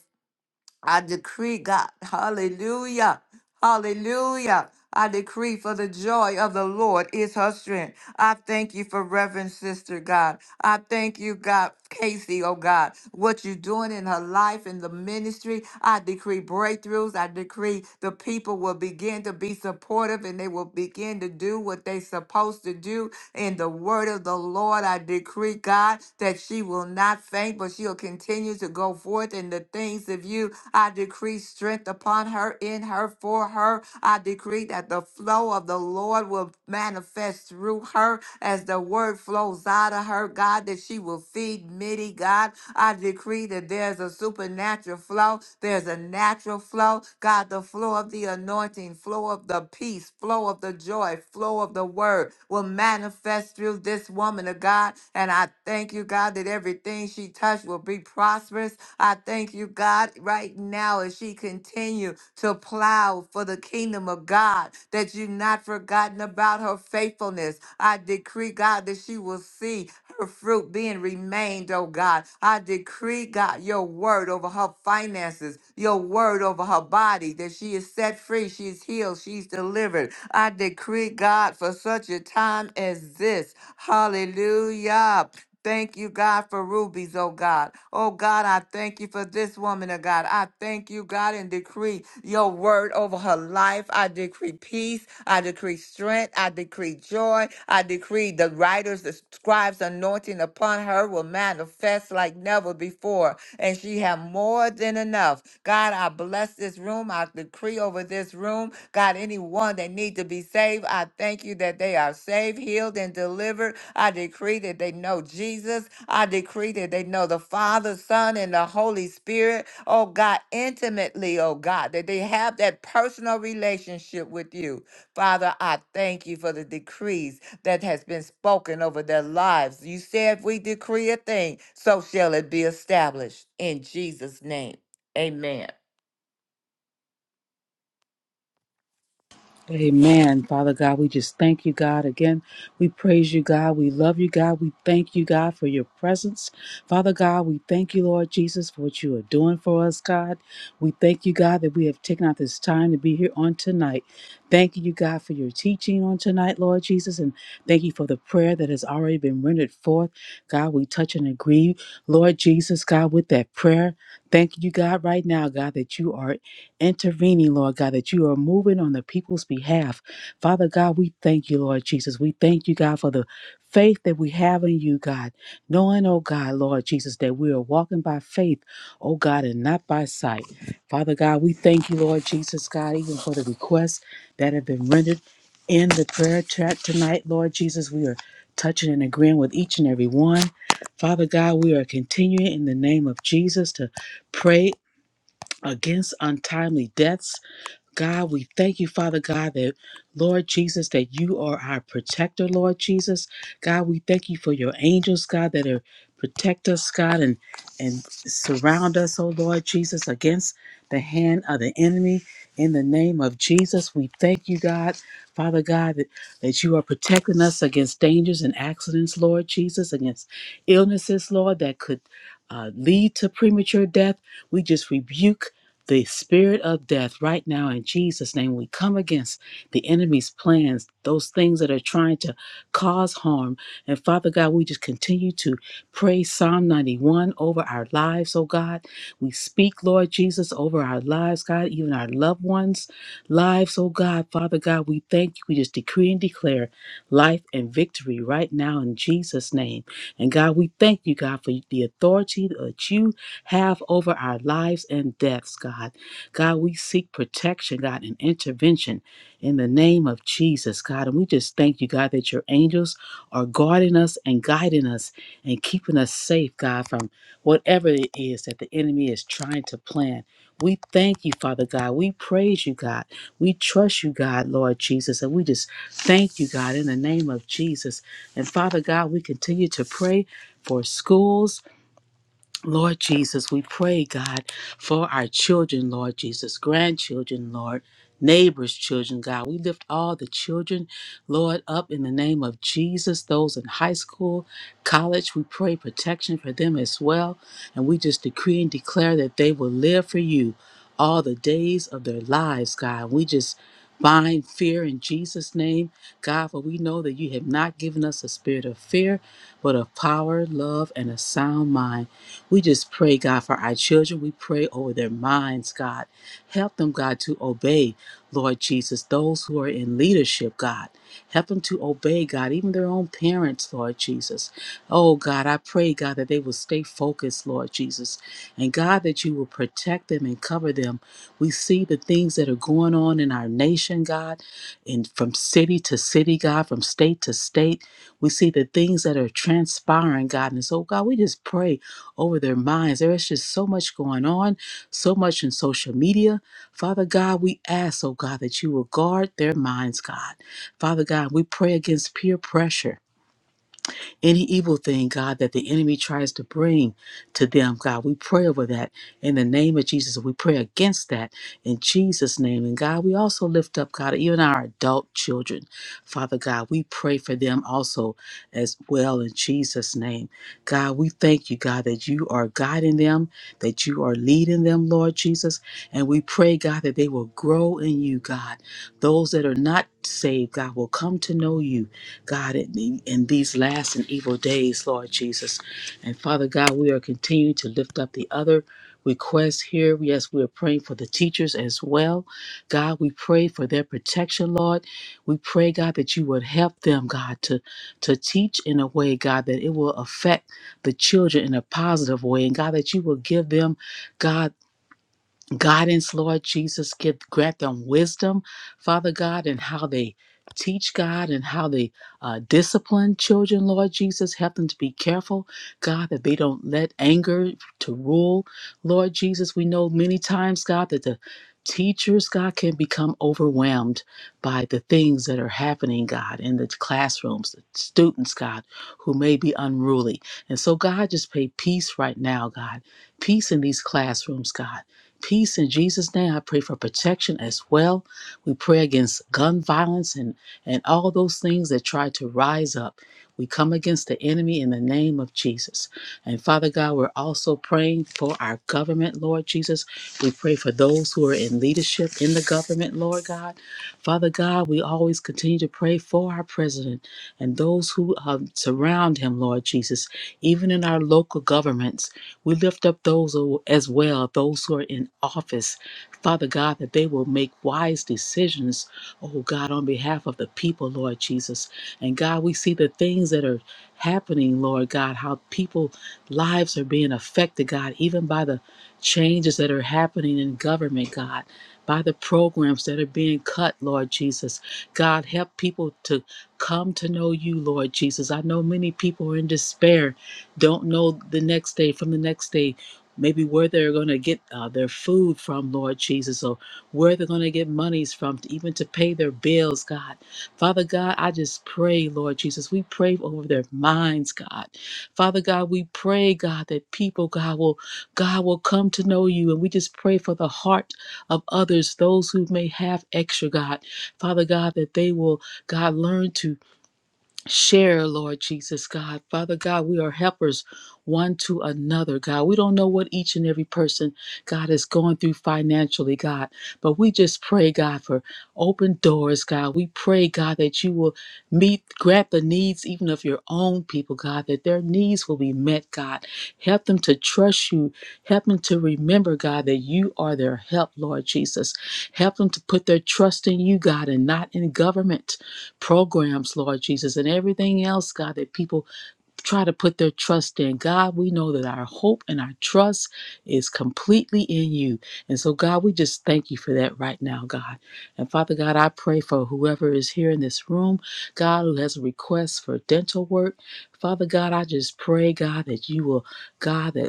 S1: I decree, God, hallelujah, hallelujah. I decree for the joy of the Lord is her strength. I thank you for Reverend Sister God. I thank you, God, Casey, oh God, what you're doing in her life in the ministry. I decree breakthroughs. I decree the people will begin to be supportive and they will begin to do what they're supposed to do in the word of the Lord. I decree glory, God, that she will not faint, but she'll continue to go forth in the things of you. I decree strength upon her, in her, for her. I decree that the flow of the Lord will manifest through her as the word flows out of her, God, that she will feed many, God. I decree that there's a supernatural flow, there's a natural flow, God, the flow of the anointing, flow of the peace, flow flow of the joy, flow of the word will manifest through this woman of God. And I thank you, God, that everything she touched will be prosperous. I thank you, God, right now as she continue to plow for the kingdom of God, that you've not forgotten about her faithfulness. I decree, God, that she will see her fruit being remained, oh God. I decree, God, your word over her finances, your word over her body, that she is set free, she's healed, she's delivered. I decree, God, for such a time as this. Hallelujah. Thank you, God, for rubies, oh God. Oh God, I thank you for this woman, oh God. I thank you, God, and decree your word over her life. I decree peace. I decree strength. I decree joy. I decree the writers, the scribes' anointing upon her will manifest like never before. And she have more than enough enough. God, I bless this room. I decree over this room. God, anyone that need to be saved, I thank you that they are saved, healed, and delivered. I decree that they know Jesus. I decree that they know the Father, Son, and the Holy Spirit. Oh God, intimately, oh God, that they have that personal relationship with you. Father, I thank you for the decrees that has been spoken over their lives. You said if we decree a thing, so shall it be established in Jesus' name. Amen.
S4: Amen. Father God, we just thank you, God. Again, we praise you, God. We love you, God. We thank you, God, for your presence. Father God, we thank you, Lord Jesus, for what you are doing for us, God. We thank you, God, that we have taken out this time to be here on tonight. Thank you, God, for your teaching on tonight, Lord Jesus. And thank you for the prayer that has already been rendered forth. God, we touch and agree, Lord Jesus, God, with that prayer. Thank you, God, right now, God, that you are intervening, Lord God, that you are moving on the people's behalf. Father God, we thank you, Lord Jesus. We thank you, God, for the faith that we have in you, God. Knowing, oh God, Lord Jesus, that we are walking by faith, oh God, and not by sight. Father God, we thank you, Lord Jesus, God, even for the requests that have been rendered in the prayer chat tonight, Lord Jesus. We are touching and agreeing with each and every one. Father God, we are continuing in the name of Jesus to pray against untimely deaths. God, we thank you, Father God, that Lord Jesus, that you are our protector, Lord Jesus. God, we thank you for your angels, God, that are protect us, God, and and surround us, oh Lord Jesus, against the hand of the enemy. In the name of Jesus, we thank you, God, Father God, that, that you are protecting us against dangers and accidents, Lord Jesus, against illnesses, Lord, that could uh, lead to premature death. We just rebuke the spirit of death right now in Jesus' name. We come against the enemy's plans, those things that are trying to cause harm. And Father God, we just continue to pray Psalm 91 over our lives, oh God. We speak, Lord Jesus, over our lives, God, even our loved ones' lives, oh God. Father God, we thank you. We just decree and declare life and victory right now in Jesus' name. And God, we thank you, God, for the authority that you have over our lives and deaths, God. God, we seek protection, God, and intervention in the name of Jesus, God. And we just thank you, God, that your angels are guarding us and guiding us and keeping us safe, God, from whatever it is that the enemy is trying to plan. We thank you, Father God. We praise you, God. We trust you, God, Lord Jesus. And we just thank you, God, in the name of Jesus. And Father God, we continue to pray for schools Lord Jesus, we pray, God, for our children, Lord Jesus, grandchildren, Lord, neighbors, children, God. We lift all the children, Lord, up in the name of Jesus, those in high school, college. We pray protection for them as well. And we just decree and declare that they will live for you all the days of their lives, God. We just bind fear in Jesus' name, God, for we know that you have not given us a spirit of fear, but of power, love, and a sound mind. We just pray, God, for our children. We pray over their minds, God. Help them, God, to obey, Lord Jesus, those who are in leadership, God. Help them to obey, God, even their own parents, Lord Jesus. Oh, God, I pray, God, that they will stay focused, Lord Jesus. And God, that you will protect them and cover them. We see the things that are going on in our nation, God, and from city to city, God, from state to state. We see the things that are transpiring, God. And so, God, we just pray over their minds. There is just so much going on, so much in social media. Father God, we ask, oh God, that you will guard their minds, God. Father God, we pray against peer pressure. Any evil thing, God, that the enemy tries to bring to them, God, we pray over that in the name of Jesus. We pray against that in Jesus' name. And God, we also lift up, God, even our adult children. Father God, we pray for them also as well in Jesus' name. God, we thank you, God, that you are guiding them, that you are leading them, Lord Jesus. And we pray, God, that they will grow in you, God. Those that are not saved, God, will come to know you God, in, in these last and evil days, Lord Jesus. And Father God, we are continuing to lift up the other requests here. Yes, we are praying for the teachers as well. God, we pray for their protection, Lord. We pray, God, that you would help them, God, to, to teach in a way, God, that it will affect the children in a positive way. And God, that you will give them, God, guidance, Lord Jesus. Give grant them wisdom, Father God, and how they teach God and how they uh, discipline children, Lord Jesus. Help them to be careful, God, that they don't let anger to rule, Lord Jesus. We know many times, God, that the teachers god can become overwhelmed by the things that are happening god in the classrooms the students god who may be unruly and so god just pay peace right now god peace in these classrooms god peace in Jesus' name. I pray for protection as well. We pray against gun violence and, and all those things that try to rise up. We come against the enemy in the name of Jesus. And Father God, we're also praying for our government, Lord Jesus. We pray for those who are in leadership in the government, Lord God. Father God, we always continue to pray for our president and those who uh, surround him, Lord Jesus, even in our local governments. We lift up those who- as well, those who are in office, Father God, that they will make wise decisions, oh God, on behalf of the people, Lord Jesus. And God, we see the things that are happening, Lord God, how people lives are being affected, God, even by the changes that are happening in government, God, by the programs that are being cut, Lord Jesus. God, help people to come to know you, Lord Jesus. I know many people are in despair don't know the next day from the next day maybe where they're going to get uh, their food from lord jesus or where they're going to get monies from to even to pay their bills god father god i just pray lord jesus we pray over their minds god father god we pray god that people god will god will come to know you and we just pray for the heart of others those who may have extra god father god that they will god learn to share, Lord Jesus, God. Father God, we are helpers one to another, God. We don't know what each and every person, God, is going through financially, God, but we just pray, God, for open doors, God. We pray, God, that you will meet, grant the needs even of your own people, God, that their needs will be met, God. Help them to trust you. Help them to remember, God, that you are their help, Lord Jesus. Help them to put their trust in you, God, and not in government programs, Lord Jesus, and everything else, God, that people try to put their trust in. God, we know that our hope and our trust is completely in you. And so, God, we just thank you for that right now, God. And Father God, I pray for whoever is here in this room, God, who has a request for dental work. Father God, I just pray, God, that you will, God, that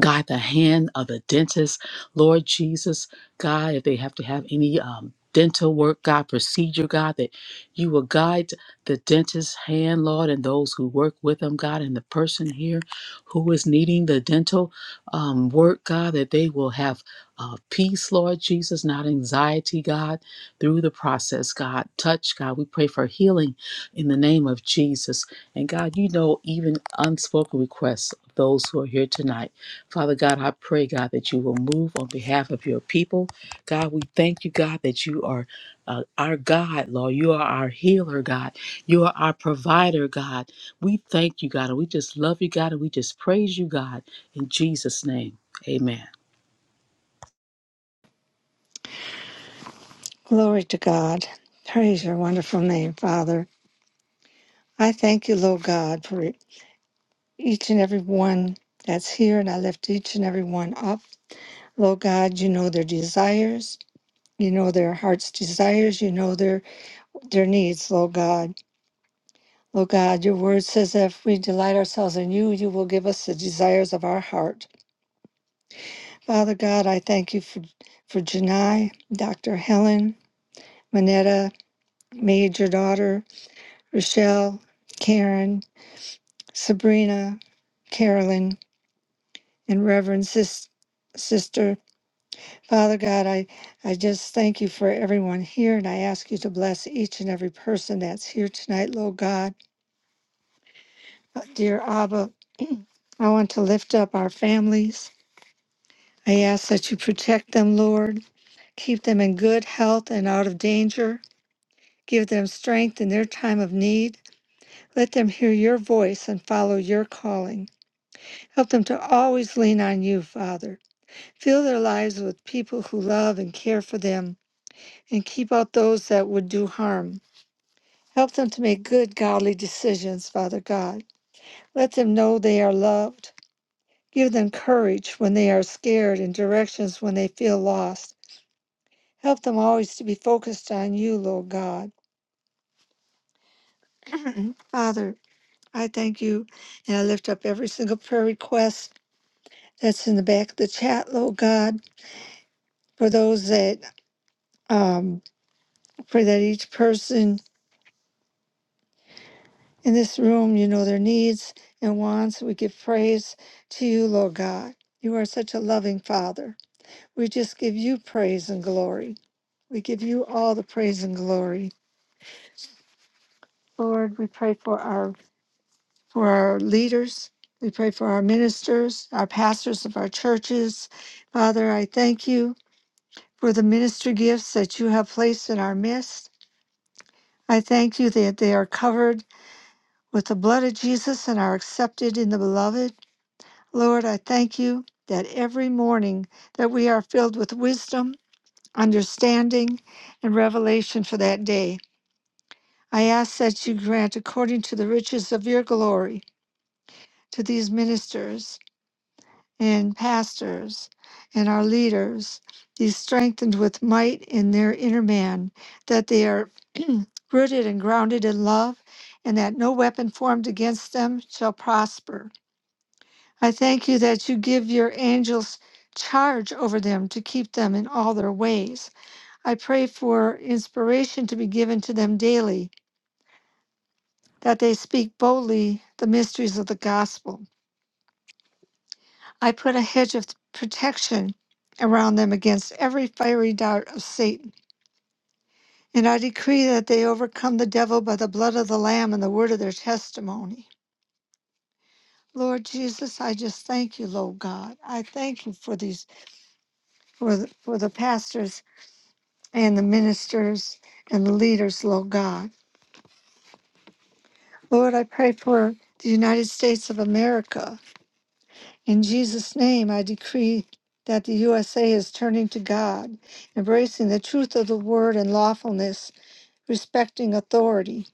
S4: God, the hand of the dentist, Lord Jesus, God, if they have to have any um, dental work, God, procedure, God, that you will guide the dentist's hand, Lord, and those who work with them, God, and the person here who is needing the dental um, work, God, that they will have uh, peace, Lord Jesus, not anxiety, God, through the process, God. Touch, God. We pray for healing in the name of Jesus. And God, you know even unspoken requests of those who are here tonight. Father God, I pray, God, that you will move on behalf of your people. God, we thank you, God, that you are uh, our God, Lord. You are our healer, God. You are our provider, God. We thank you, God, and we just love you, God, and we just praise you, God. In Jesus' name, amen.
S3: Glory to God. Praise your wonderful name, Father. I thank you, Lord God, for each and every one that's here, and I lift each and every one up. Lord God, you know their desires. You know their heart's desires. You know their their needs, Lord God. Lord God, your word says that if we delight ourselves in you, you will give us the desires of our heart. Father God, I thank you for, for Janai, Dr. Helen, Manetta, Major Daughter, Rochelle, Karen, Sabrina, Carolyn, and Reverend Sis- Sister. Father God, I, I just thank you for everyone here, and I ask you to bless each and every person that's here tonight, Lord God. Uh, Dear Abba, I want to lift up our families. I ask that you protect them, Lord. Keep them in good health and out of danger. Give them strength in their time of need. Let them hear your voice and follow your calling. Help them to always lean on you, Father. Fill their lives with people who love and care for them, and keep out those that would do harm. Help them to make good, godly decisions, Father God. Let them know they are loved. Give them courage when they are scared and directions when they feel lost. Help them always to be focused on you, Lord God. Father, I thank you and I lift up every single prayer request that's in the back of the chat, Lord God, for those that um pray that each person in this room, you know, their needs and wants. We give praise to you, Lord God. You are such a loving Father. We just give you praise and glory. We give you all the praise and glory. Lord, we pray for our for our leaders. We pray for our ministers, our pastors of our churches. Father, I thank you for the ministry gifts that you have placed in our midst. I thank you that they are covered with the blood of Jesus and are accepted in the beloved. Lord, I thank you that every morning that we are filled with wisdom, understanding, and revelation for that day. I ask that you grant according to the riches of your glory to these ministers and pastors and our leaders, these strengthened with might in their inner man, that they are rooted and grounded in love, and that no weapon formed against them shall prosper. I thank you that you give your angels charge over them to keep them in all their ways. I pray for inspiration to be given to them daily, that they speak boldly the mysteries of the gospel. I put a hedge of protection around them against every fiery dart of Satan. And I decree that they overcome the devil by the blood of the Lamb and the word of their testimony. Lord Jesus, I just thank you, Lord God. I thank you for these, for the, for the pastors and the ministers and the leaders, Lord God. Lord, I pray for the United States of America. In Jesus' name, I decree that the USA is turning to God, embracing the truth of the word and lawfulness, respecting authority.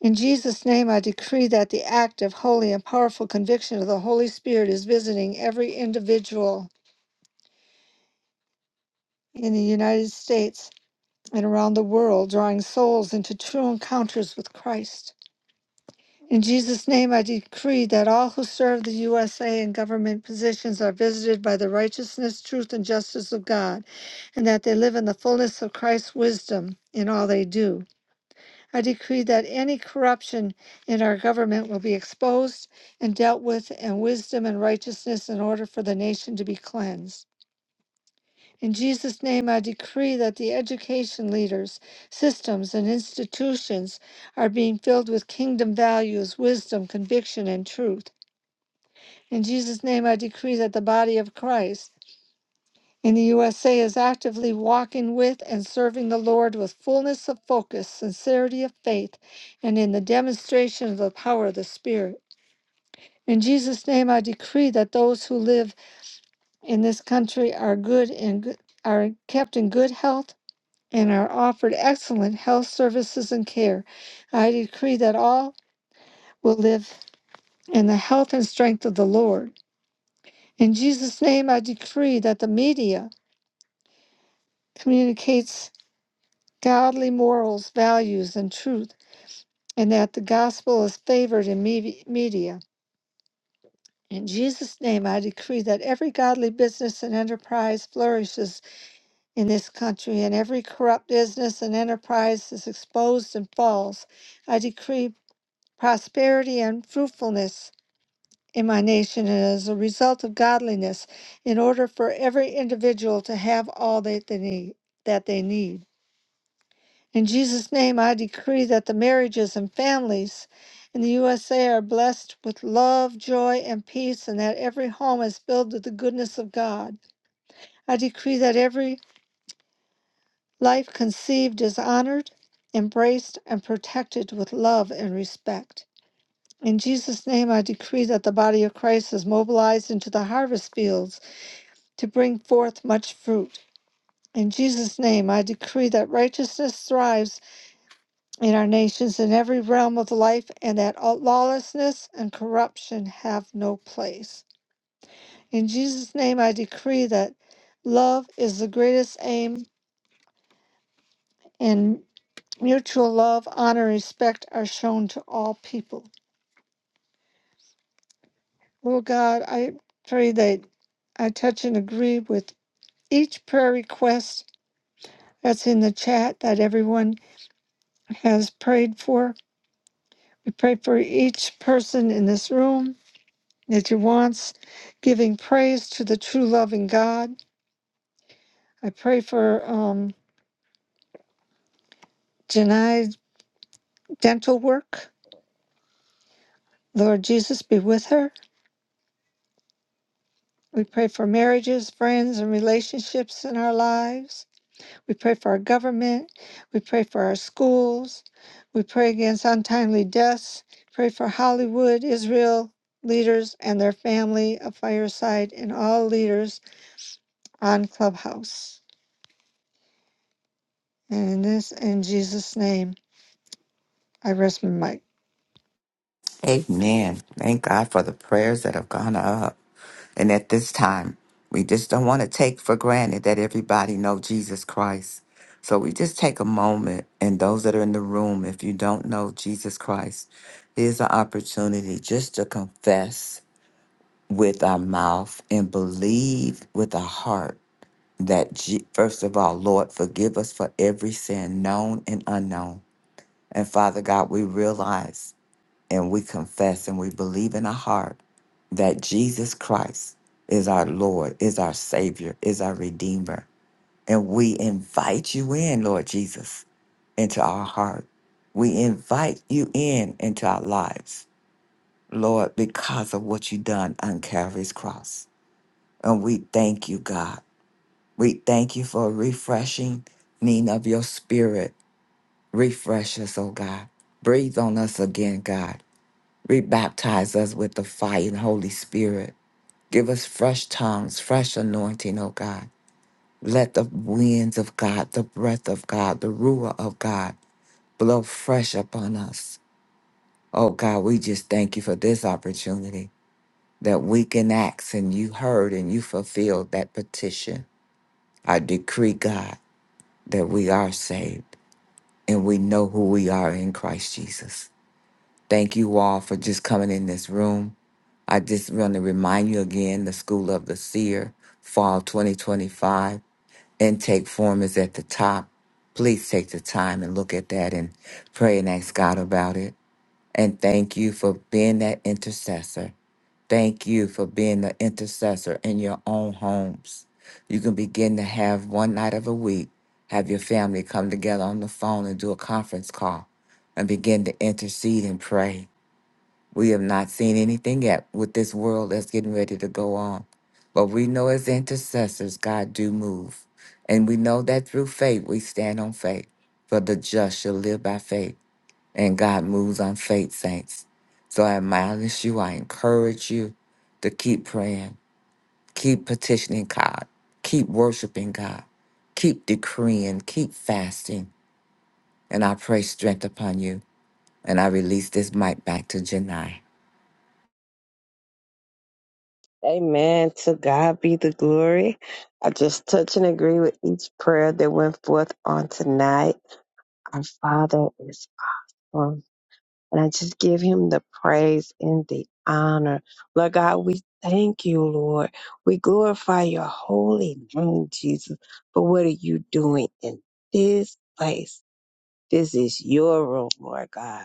S3: In Jesus' name, I decree that the active, holy, and powerful conviction of the Holy Spirit is visiting every individual in the United States and around the world, drawing souls into true encounters with Christ. In Jesus' name, I decree that all who serve the USA in government positions are visited by the righteousness, truth, and justice of God, and that they live in the fullness of Christ's wisdom in all they do. I decree that any corruption in our government will be exposed and dealt with in wisdom and righteousness in order for the nation to be cleansed. In Jesus' name, I decree that the education leaders, systems, and institutions are being filled with kingdom values, wisdom, conviction, and truth. In Jesus' name, I decree that the body of Christ in the USA is actively walking with and serving the Lord with fullness of focus, sincerity of faith, and in the demonstration of the power of the Spirit. In Jesus' name, I decree that those who live in this country are good and good, are kept in good health and are offered excellent health services and care. I decree that all will live in the health and strength of the Lord. In Jesus' name, I decree that the media communicates godly morals, values, and truth, and that the gospel is favored in me- media. In Jesus' name, I decree that every godly business and enterprise flourishes in this country, and every corrupt business and enterprise is exposed and falls. I decree prosperity and fruitfulness in my nation and as a result of godliness in order for every individual to have all that they need that they need in jesus name i decree that the marriages and families in the usa are blessed with love joy and peace and that every home is filled with the goodness of god i decree that every life conceived is honored embraced and protected with love and respect In Jesus' name, I decree that the body of Christ is mobilized into the harvest fields to bring forth much fruit. In Jesus' name, I decree that righteousness thrives in our nations in every realm of life and that all- lawlessness and corruption have no place. In Jesus' name, I decree that love is the greatest aim and mutual love, honor, and respect are shown to all people. Lord God, I pray that I touch and agree with each prayer request that's in the chat that everyone has prayed for. We pray for each person in this room that you wants, giving praise to the true loving God. I pray for um, Janai's dental work. Lord Jesus, be with her. We pray for marriages, friends, and relationships in our lives. We pray for our government. We pray for our schools. We pray against untimely deaths. Pray for Hollywood, Israel leaders and their family of Fireside and all leaders on Clubhouse. And in this in Jesus' name, I rest my mic.
S1: Amen. Thank God for the prayers that have gone up. And at this time, we just don't want to take for granted that everybody know Jesus Christ. So we just take a moment and those that are in the room, if you don't know Jesus Christ, here's an opportunity just to confess with our mouth and believe with our heart that Je- first of all, Lord, forgive us for every sin known and unknown. And Father God, we realize and we confess and we believe in our heart that Jesus Christ is our Lord, is our Savior, is our Redeemer. And we invite you in, Lord Jesus, into our heart. We invite you in into our lives, Lord, because of what you done on Calvary's cross. And we thank you, God. We thank you for refreshing need of your spirit. Refresh us, oh God. Breathe on us again, God Rebaptize us with the fire and Holy Spirit. Give us fresh tongues, fresh anointing, oh God. Let the winds of God, the breath of God, the Ruah of God blow fresh upon us. Oh God, we just thank you for this opportunity that we can ask and you heard and you fulfilled that petition. I decree, God, that we are saved and we know who we are in Christ Jesus. Thank you all for just coming in this room. I just want to remind you again the School of the Seer, Fall 2025 intake form is at the top. Please take the time and look at that and pray and ask God about it. And thank you for being that intercessor. Thank you for being the intercessor in your own homes. You can begin to have one night of a week, have your family come together on the phone and do a conference call and begin to intercede and pray we have not seen anything yet with this world that's getting ready to go on. But we know as intercessors, God do move. And we know that through faith, we stand on faith. For the just shall live by faith. And God moves on faith, saints. So I admonish you, I encourage you to keep praying, keep petitioning God, keep worshiping God, keep decreeing, keep fasting. And I pray strength upon you. And I release this mic back to Janai.
S2: Amen. To God be the glory. I just touch and agree with each prayer that went forth on tonight. Our Father is awesome. And I just give him the praise and the honor. Lord God, we thank you, Lord. We glorify your holy name, Jesus, for what are you doing in this place? This is your room, Lord God.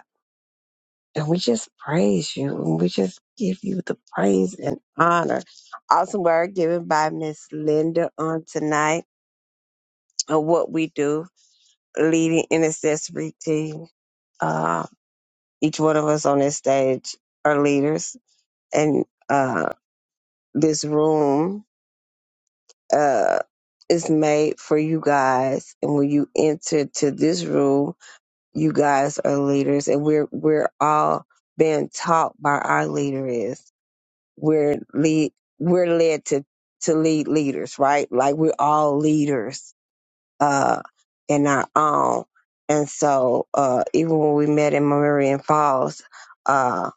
S2: And we just praise you and we just give you the praise and honor. Awesome word given by Miss Linda on tonight of what we do, leading intercessory team. Uh, each one of us on this stage are leaders, and uh, this room uh, is made for you guys. And when you enter to this room, you guys are leaders, and we're we're all being taught by our leader is. we're lead we're led to to lead leaders right like we're all leaders uh in our own and so uh even when we met in Marion Falls uh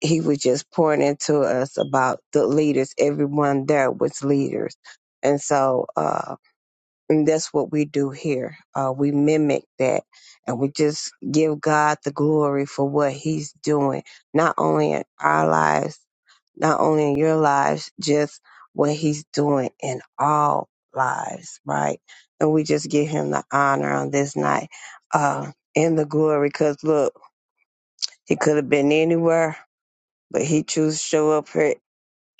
S2: he was just pouring into us about the leaders everyone there was leaders and so uh and that's what we do here uh we mimic that and we just give God the glory for what he's doing not only in our lives not only in your lives, just what he's doing in all lives, right? And we just give him the honor on this night, uh, and the glory, because look, he could have been anywhere, but he chose to show up here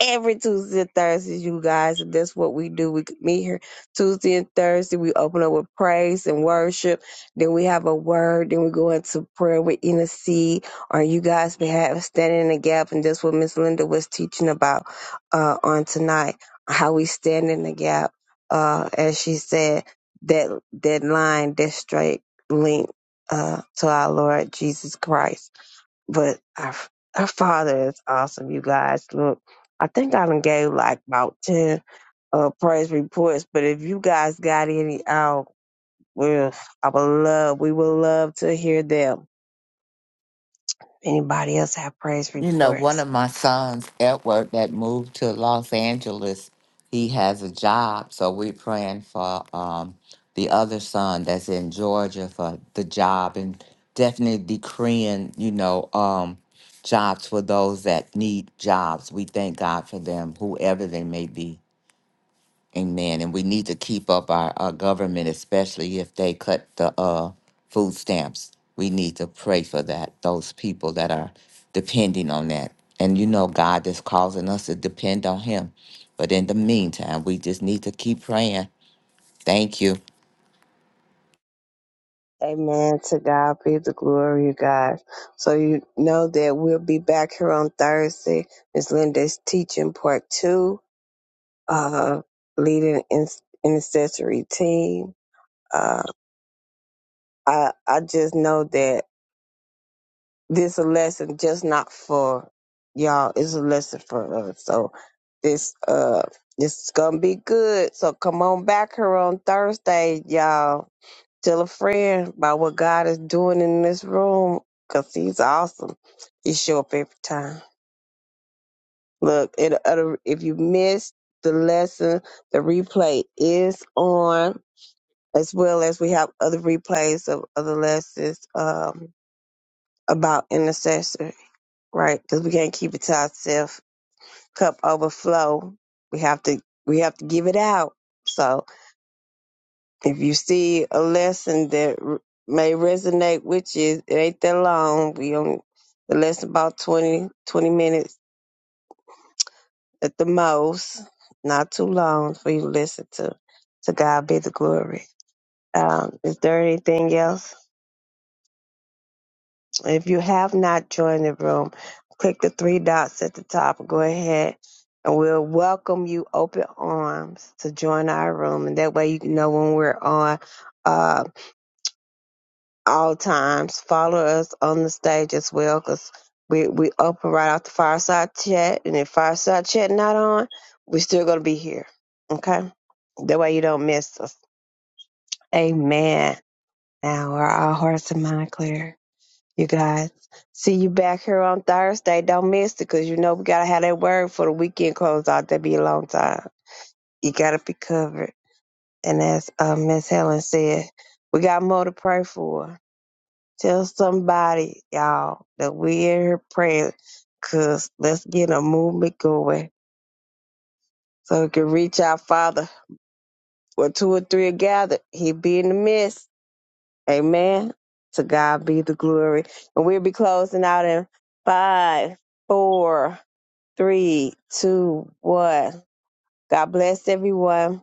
S2: every Tuesday and Thursdays, you guys. And that's what we do. We meet here Tuesday and Thursday. We open up with praise and worship. Then we have a word. Then we go into prayer with intercede on you guys' behalf, standing in the gap. And that's what Miss Linda was teaching about uh, on tonight, how we stand in the gap. Uh, as she said, that that line, that straight link uh, to our Lord Jesus Christ. But our, our Father is awesome, you guys. Look, I think I done gave like about 10 uh, praise reports, but if you guys got any out, well, I would love, we would love to hear them. Anybody else have praise
S1: You know, one
S2: reports?
S1: of my sons, Edward, that moved to Los Angeles, he has a job. So we're praying for um, the other son that's in Georgia for the job and definitely decreeing, you know, um, jobs for those that need jobs. We thank God for them, whoever they may be. Amen. And we need to keep up our, our government, especially if they cut the uh, food stamps. We need to pray for that, those people that are depending on that. And you know, God is causing us to depend on Him. But in the meantime, we just need to keep praying. Thank you.
S2: Amen. To God be the glory, you guys. So you know that we'll be back here on Thursday. Miss Linda's teaching part two, uh, leading in- intercessory team. uh, I I just know that this a lesson just not for y'all. It's a lesson for us. So this uh this is gonna be good. So come on back here on Thursday, y'all. Tell a friend about what God is doing in this room, 'cause He's awesome. He show up every time. Look, it, it if you missed the lesson, the replay is on, as well as we have other replays of other lessons. Um, about intercessors. right? Because we can't keep it to ourselves. Cup overflow. We have to we have to give it out. So if you see a lesson that r- may resonate with you, it ain't that long. We on the lesson about 20 20 minutes at the most. Not too long for you to listen to. To God be the glory. Um, is there anything else? If you have not joined the room, click the three dots at the top. Go ahead and we'll welcome you open arms to join our room. And that way you can know when we're on uh, all times. Follow us on the stage as well because we, we open right off the fireside chat. And if fireside chat not on, we're still going to be here. Okay? That way you don't miss us. Amen. Now are our hearts and mind clear. you guys. See you back here on Thursday. Don't miss it because you know we got to have that word for the weekend close out. That'd be a long time. You got to be covered. And as uh, Miss Helen said, we got more to pray for. Tell somebody, y'all, that we in here praying because let's get a movement going so we can reach our Father. Where two or three are gathered, he be in the midst. Amen. To God be the glory. And we'll be closing out in five, four Three, two, one. God bless everyone.